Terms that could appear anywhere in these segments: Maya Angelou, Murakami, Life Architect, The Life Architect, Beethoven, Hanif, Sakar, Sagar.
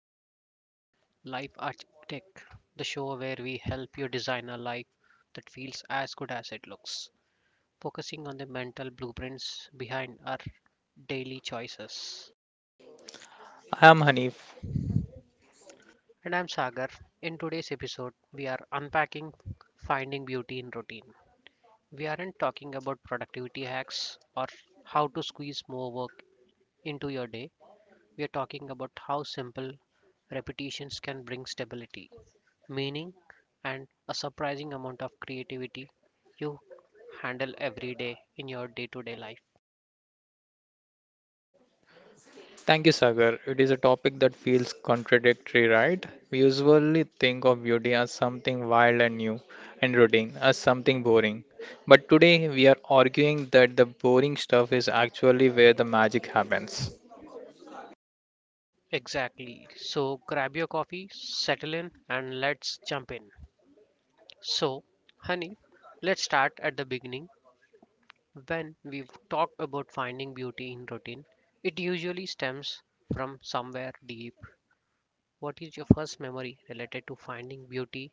listening to the Life Architect, the show where we help you design a life that feels as good as it looks, focusing on the mental blueprints behind our daily choices. I am Hanif. And I'm Sagar. In today's episode, we are unpacking finding beauty in routine. We aren't talking about productivity hacks or how to squeeze more work into your day. We are talking about how simple repetitions can bring stability, meaning, and a surprising amount of creativity you handle every day in your day to day life. Thank you, Sagar. It is a topic that feels contradictory, right? We usually think of beauty as something wild and new, and routine as something boring. But today we are arguing that the boring stuff is actually where the magic happens. Exactly. So grab your coffee, settle in, and let's jump in. So, honey, let's start at the beginning. When we've talked about finding beauty in routine, it usually stems from somewhere deep. What is your first memory related to finding beauty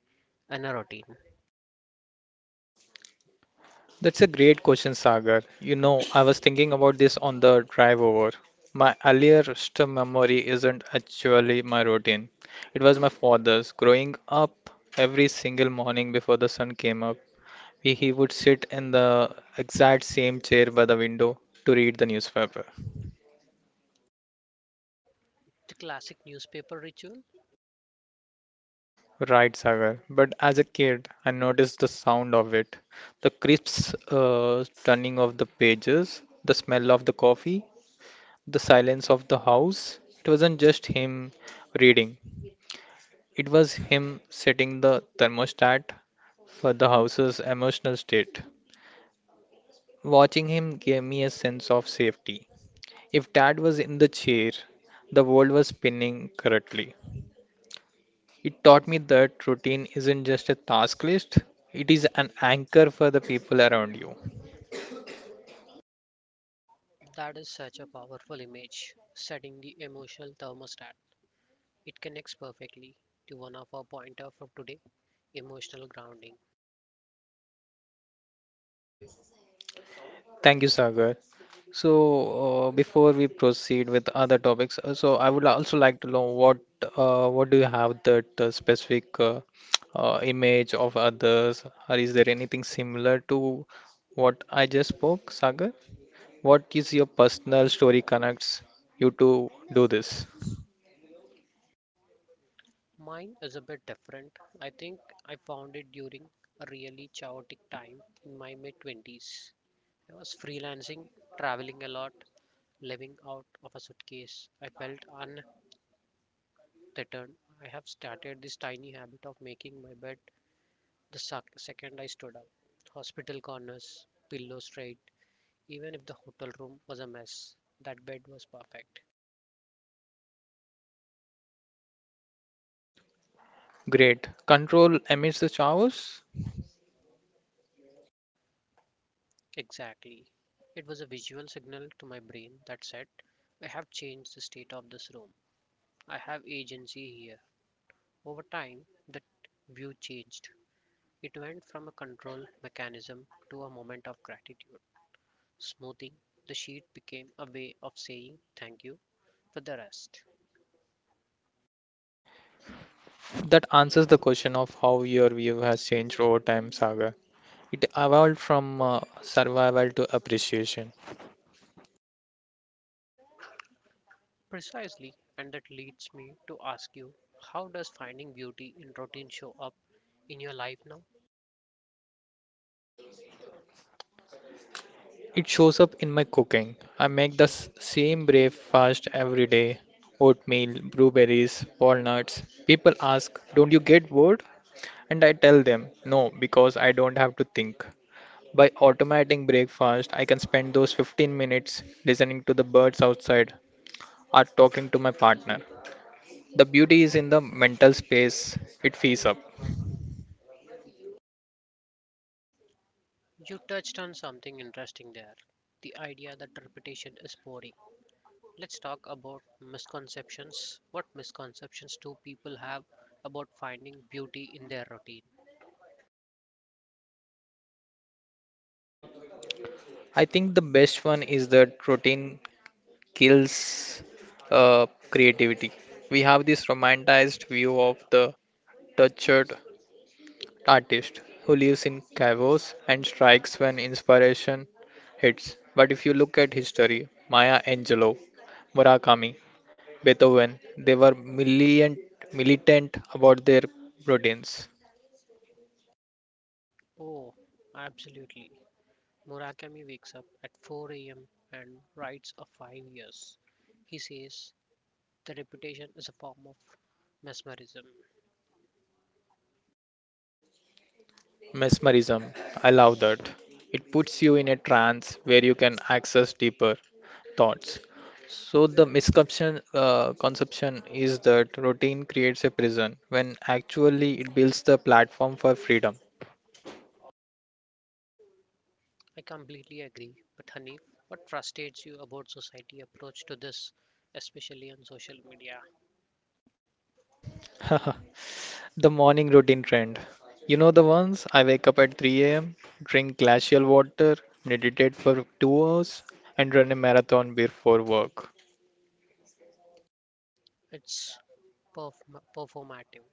in a routine? That's a great question, Sagar. You know, I was thinking about this on the drive over. My earliest memory isn't actually my routine. It was my father's. Growing up, every single morning before the sun came up, he would sit in the exact same chair by the window to read the newspaper. The classic newspaper ritual? Right, Sagar. But as a kid, I noticed the sound of it, the crisp turning of the pages, the smell of the coffee, the silence of the house. It wasn't just him reading, it was him setting the thermostat for the house's emotional state. Watching him gave me a sense of safety. If dad was in the chair, the world was spinning correctly. It taught me that routine isn't just a task list, it is an anchor for the people around you. That is such a powerful image, setting the emotional thermostat. It connects perfectly to one of our pointers for today, emotional grounding. Thank you, Sagar. So, before we proceed with other topics, so I would also like to know what do you have that specific image of others, or is there anything similar to what I just spoke, Sagar? What is your personal story connects you to do this? Mine is a bit different. I think I found it during a really chaotic time in my mid 20s. I was freelancing, traveling a lot, living out of a suitcase. I felt untethered. I have started this tiny habit of making my bed. The second I stood up, hospital corners, pillow straight, even if the hotel room was a mess, that bed was perfect. Great. Control amidst the chaos? Exactly. It was a visual signal to my brain that said, I have changed the state of this room. I have agency here. Over time, that view changed. It went from a control mechanism to a moment of gratitude. Smoothing the sheet became a way of saying thank you for the rest. That answers the question of how your view has changed over time, Saga. It evolved from survival to appreciation. Precisely, and that leads me to ask you, how does finding beauty in routine show up in your life now? It shows up in my cooking. I make the same breakfast every day, oatmeal, blueberries, walnuts. People ask, "Don't you get bored?" And I tell them, "No, because I don't have to think." By automating breakfast, I can spend those 15 minutes listening to the birds outside or talking to my partner. The beauty is in the mental space it fees up. You touched on something interesting there, the idea that repetition is boring. Let's talk about misconceptions. What misconceptions do people have about finding beauty in their routine? I think the best one is that routine kills creativity. We have this romanticized view of the tortured artist who lives in caves and strikes when inspiration hits. But if you look at history, Maya Angelou, Murakami, Beethoven, they were militant about their routines. Oh, absolutely. Murakami wakes up at 4 a.m. and writes for 5 years. He says the reputation is a form of mesmerism. Mesmerism. I love that. It puts you in a trance where you can access deeper thoughts. So the misconception conception is that routine creates a prison when actually it builds the platform for freedom. I completely agree. But Hanif, what frustrates you about society approach to this, especially on social media? the morning routine trend. You know the ones? I wake up at 3 a.m., drink glacial water, meditate for 2 hours, and run a marathon before work. It's performative.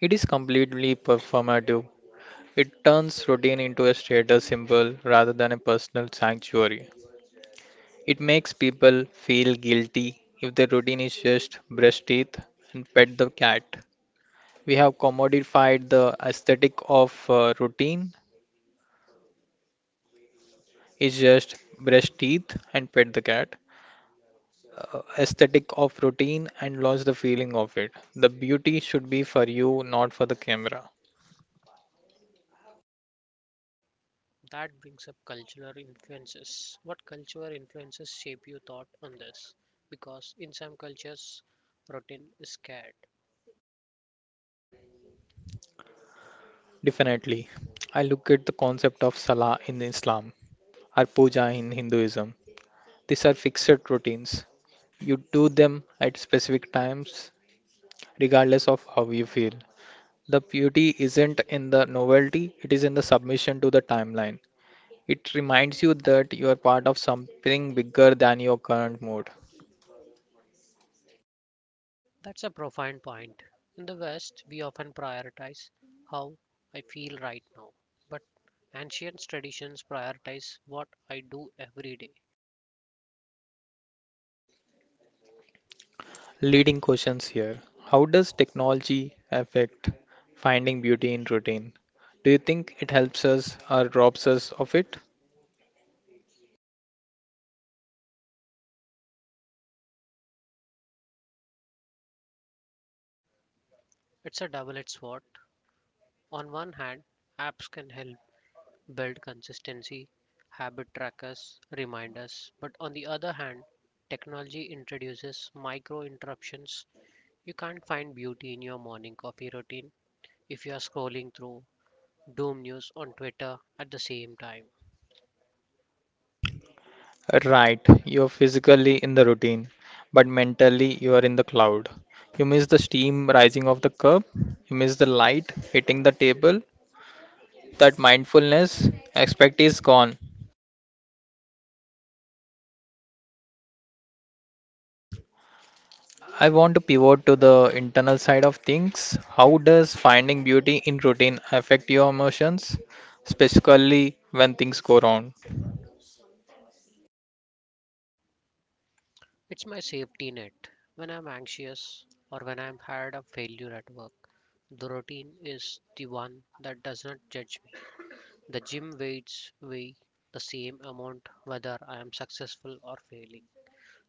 It is completely performative. It turns routine into a status symbol rather than a personal sanctuary. It makes people feel guilty if their routine is just brush teeth and pet the cat. We have commodified the aesthetic of routine is just brush teeth and pet the cat. Aesthetic of routine and lost the feeling of it. The beauty should be for you, not for the camera. That brings up cultural influences. What cultural influences shape your thought on this? Because in some cultures, routine is scared. Definitely. I look at the concept of salah in Islam or puja in Hinduism. These are fixed routines. You do them at specific times, regardless of how you feel. The beauty isn't in the novelty, it is in the submission to the timeline. It reminds you that you are part of something bigger than your current mood. That's a profound point. In the West, we often prioritize how I feel right now. But ancient traditions prioritize what I do every day. Leading questions here. How does technology affect finding beauty in routine? Do you think it helps us or robs us of it? It's a double-edged sword. On one hand, apps can help build consistency, habit trackers, reminders, but on the other hand, technology introduces micro interruptions. You can't find beauty in your morning coffee routine if you are scrolling through doom news on Twitter at the same time. Right, you're physically in the routine, but mentally you are in the cloud. You miss the steam rising off the cup, you miss the light hitting the table. That mindfulness aspect is gone. I want to pivot to the internal side of things. How does finding beauty in routine affect your emotions, specifically when things go wrong? It's my safety net. When I'm anxious or when I'm had a failure at work, the routine is the one that does not judge. The gym weights weigh the same amount whether I am successful or failing.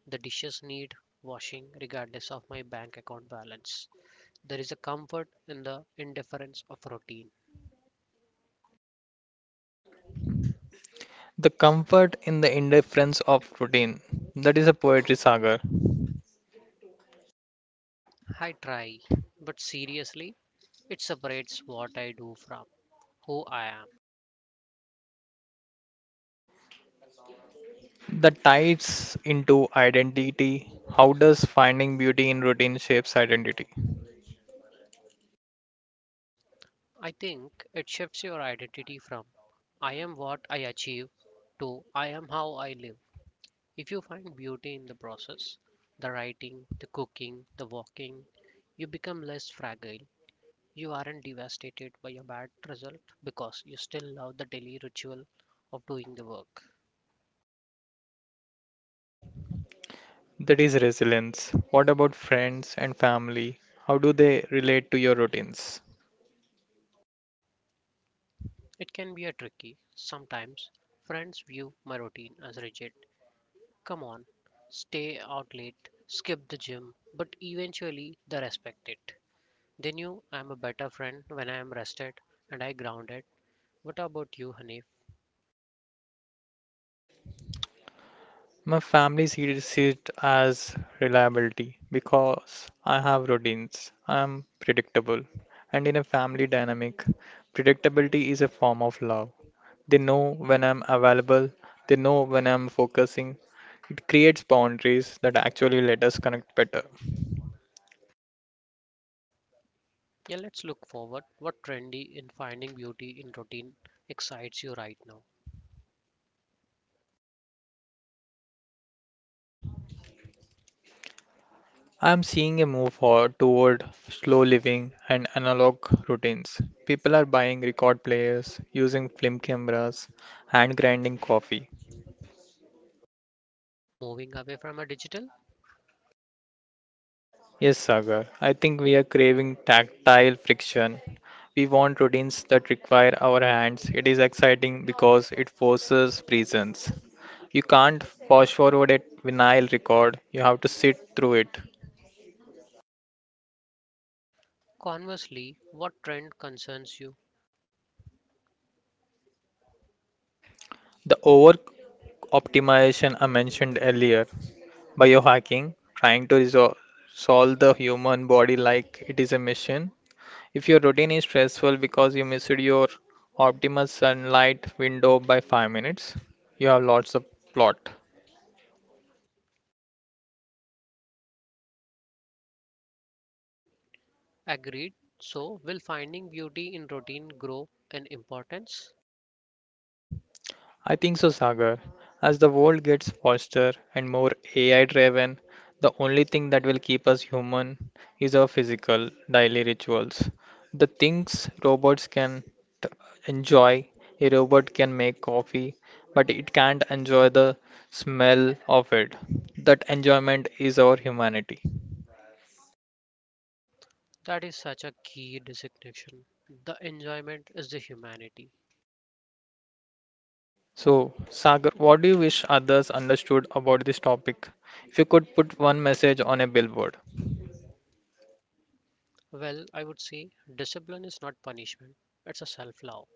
The dishes need washing regardless of my bank account balance. There is a comfort in the indifference of routine. The comfort in the indifference of routine. That is a poetry saga. I try, but seriously, it separates what I do from who I am. The ties into identity. How does finding beauty in routine shapes identity? I think it shifts your identity from I am what I achieve to I am how I live. If you find beauty in the process, the writing, the cooking, the walking, you become less fragile. You aren't devastated by a bad result because you still love the daily ritual of doing the work. That is resilience. What about friends and family? How do they relate to your routines? It can be a tricky. Sometimes friends view my routine as rigid. Come on, stay out late, skip the gym, but eventually they respect it. They knew I'm a better friend when I am rested and I grounded. What about you, Hanif? My family sees it as reliability because I have routines, I'm predictable, and in a family dynamic, predictability is a form of love. They know when I'm available, they know when I'm focusing. It creates boundaries that actually let us connect better. Yeah, let's look forward. What trendy in finding beauty in routine excites you right now? I'm seeing a move forward toward slow living and analog routines. People are buying record players, using film cameras, and grinding coffee. Moving away from a digital? Yes, Sagar. I think we are craving tactile friction. We want routines that require our hands. It is exciting because it forces presence. You can't fast forward a vinyl record, you have to sit through it. Conversely, what trend concerns you? The over optimization I mentioned earlier, biohacking, trying to solve the human body like it is a machine. If your routine is stressful because you missed your optimal sunlight window by 5 minutes, you have lots of plot. Agreed. So, will finding beauty in routine grow in importance? I think so, Sagar. As the world gets faster and more AI driven, the only thing that will keep us human is our physical daily rituals. The things robots can t- enjoy. A robot can make coffee, but it can't enjoy the smell of it. That enjoyment is our humanity. That is such a key designation. The enjoyment is the humanity. So, Sagar, what do you wish others understood about this topic? If you could put one message on a billboard. Well, I would say discipline is not punishment, it's a self love.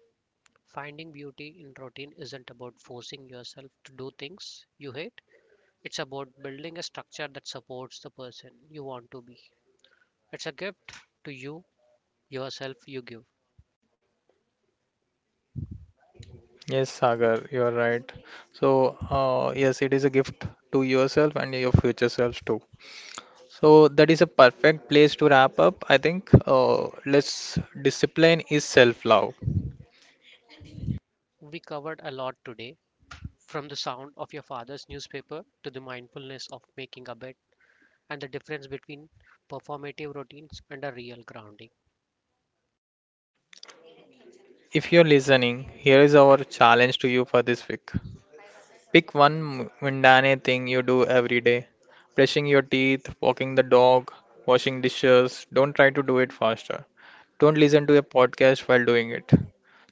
Finding beauty in routine isn't about forcing yourself to do things you hate. It's about building a structure that supports the person you want to be. It's a gift to you, yourself, you give. Yes, Sagar, you are right. So, yes, it is a gift to yourself and your future selves too. So, that is a perfect place to wrap up. I think let's discipline is self love. We covered a lot today from the sound of your father's newspaper to the mindfulness of making a bed and the difference between performative routines and a real grounding. If you're listening, here is our challenge to you for this week. Pick one mundane thing you do every day. Brushing your teeth, walking the dog, washing dishes. Don't try to do it faster. Don't listen to a podcast while doing it.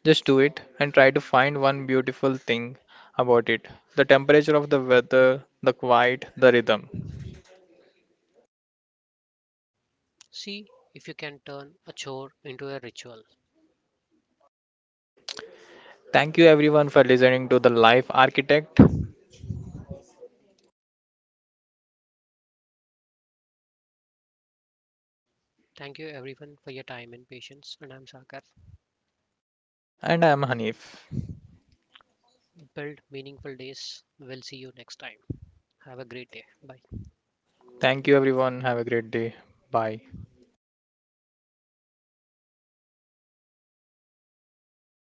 Just do it and try to find one beautiful thing about it. The temperature of the weather, the quiet, the rhythm. See if you can turn a chore into a ritual. Thank you everyone for listening to The Life Architect. Thank you everyone for your time and patience. And I'm Sakar. And I am Hanif. Build meaningful days. We'll see you next time. Have a great day. Bye. Thank you everyone. Have a great day. Bye.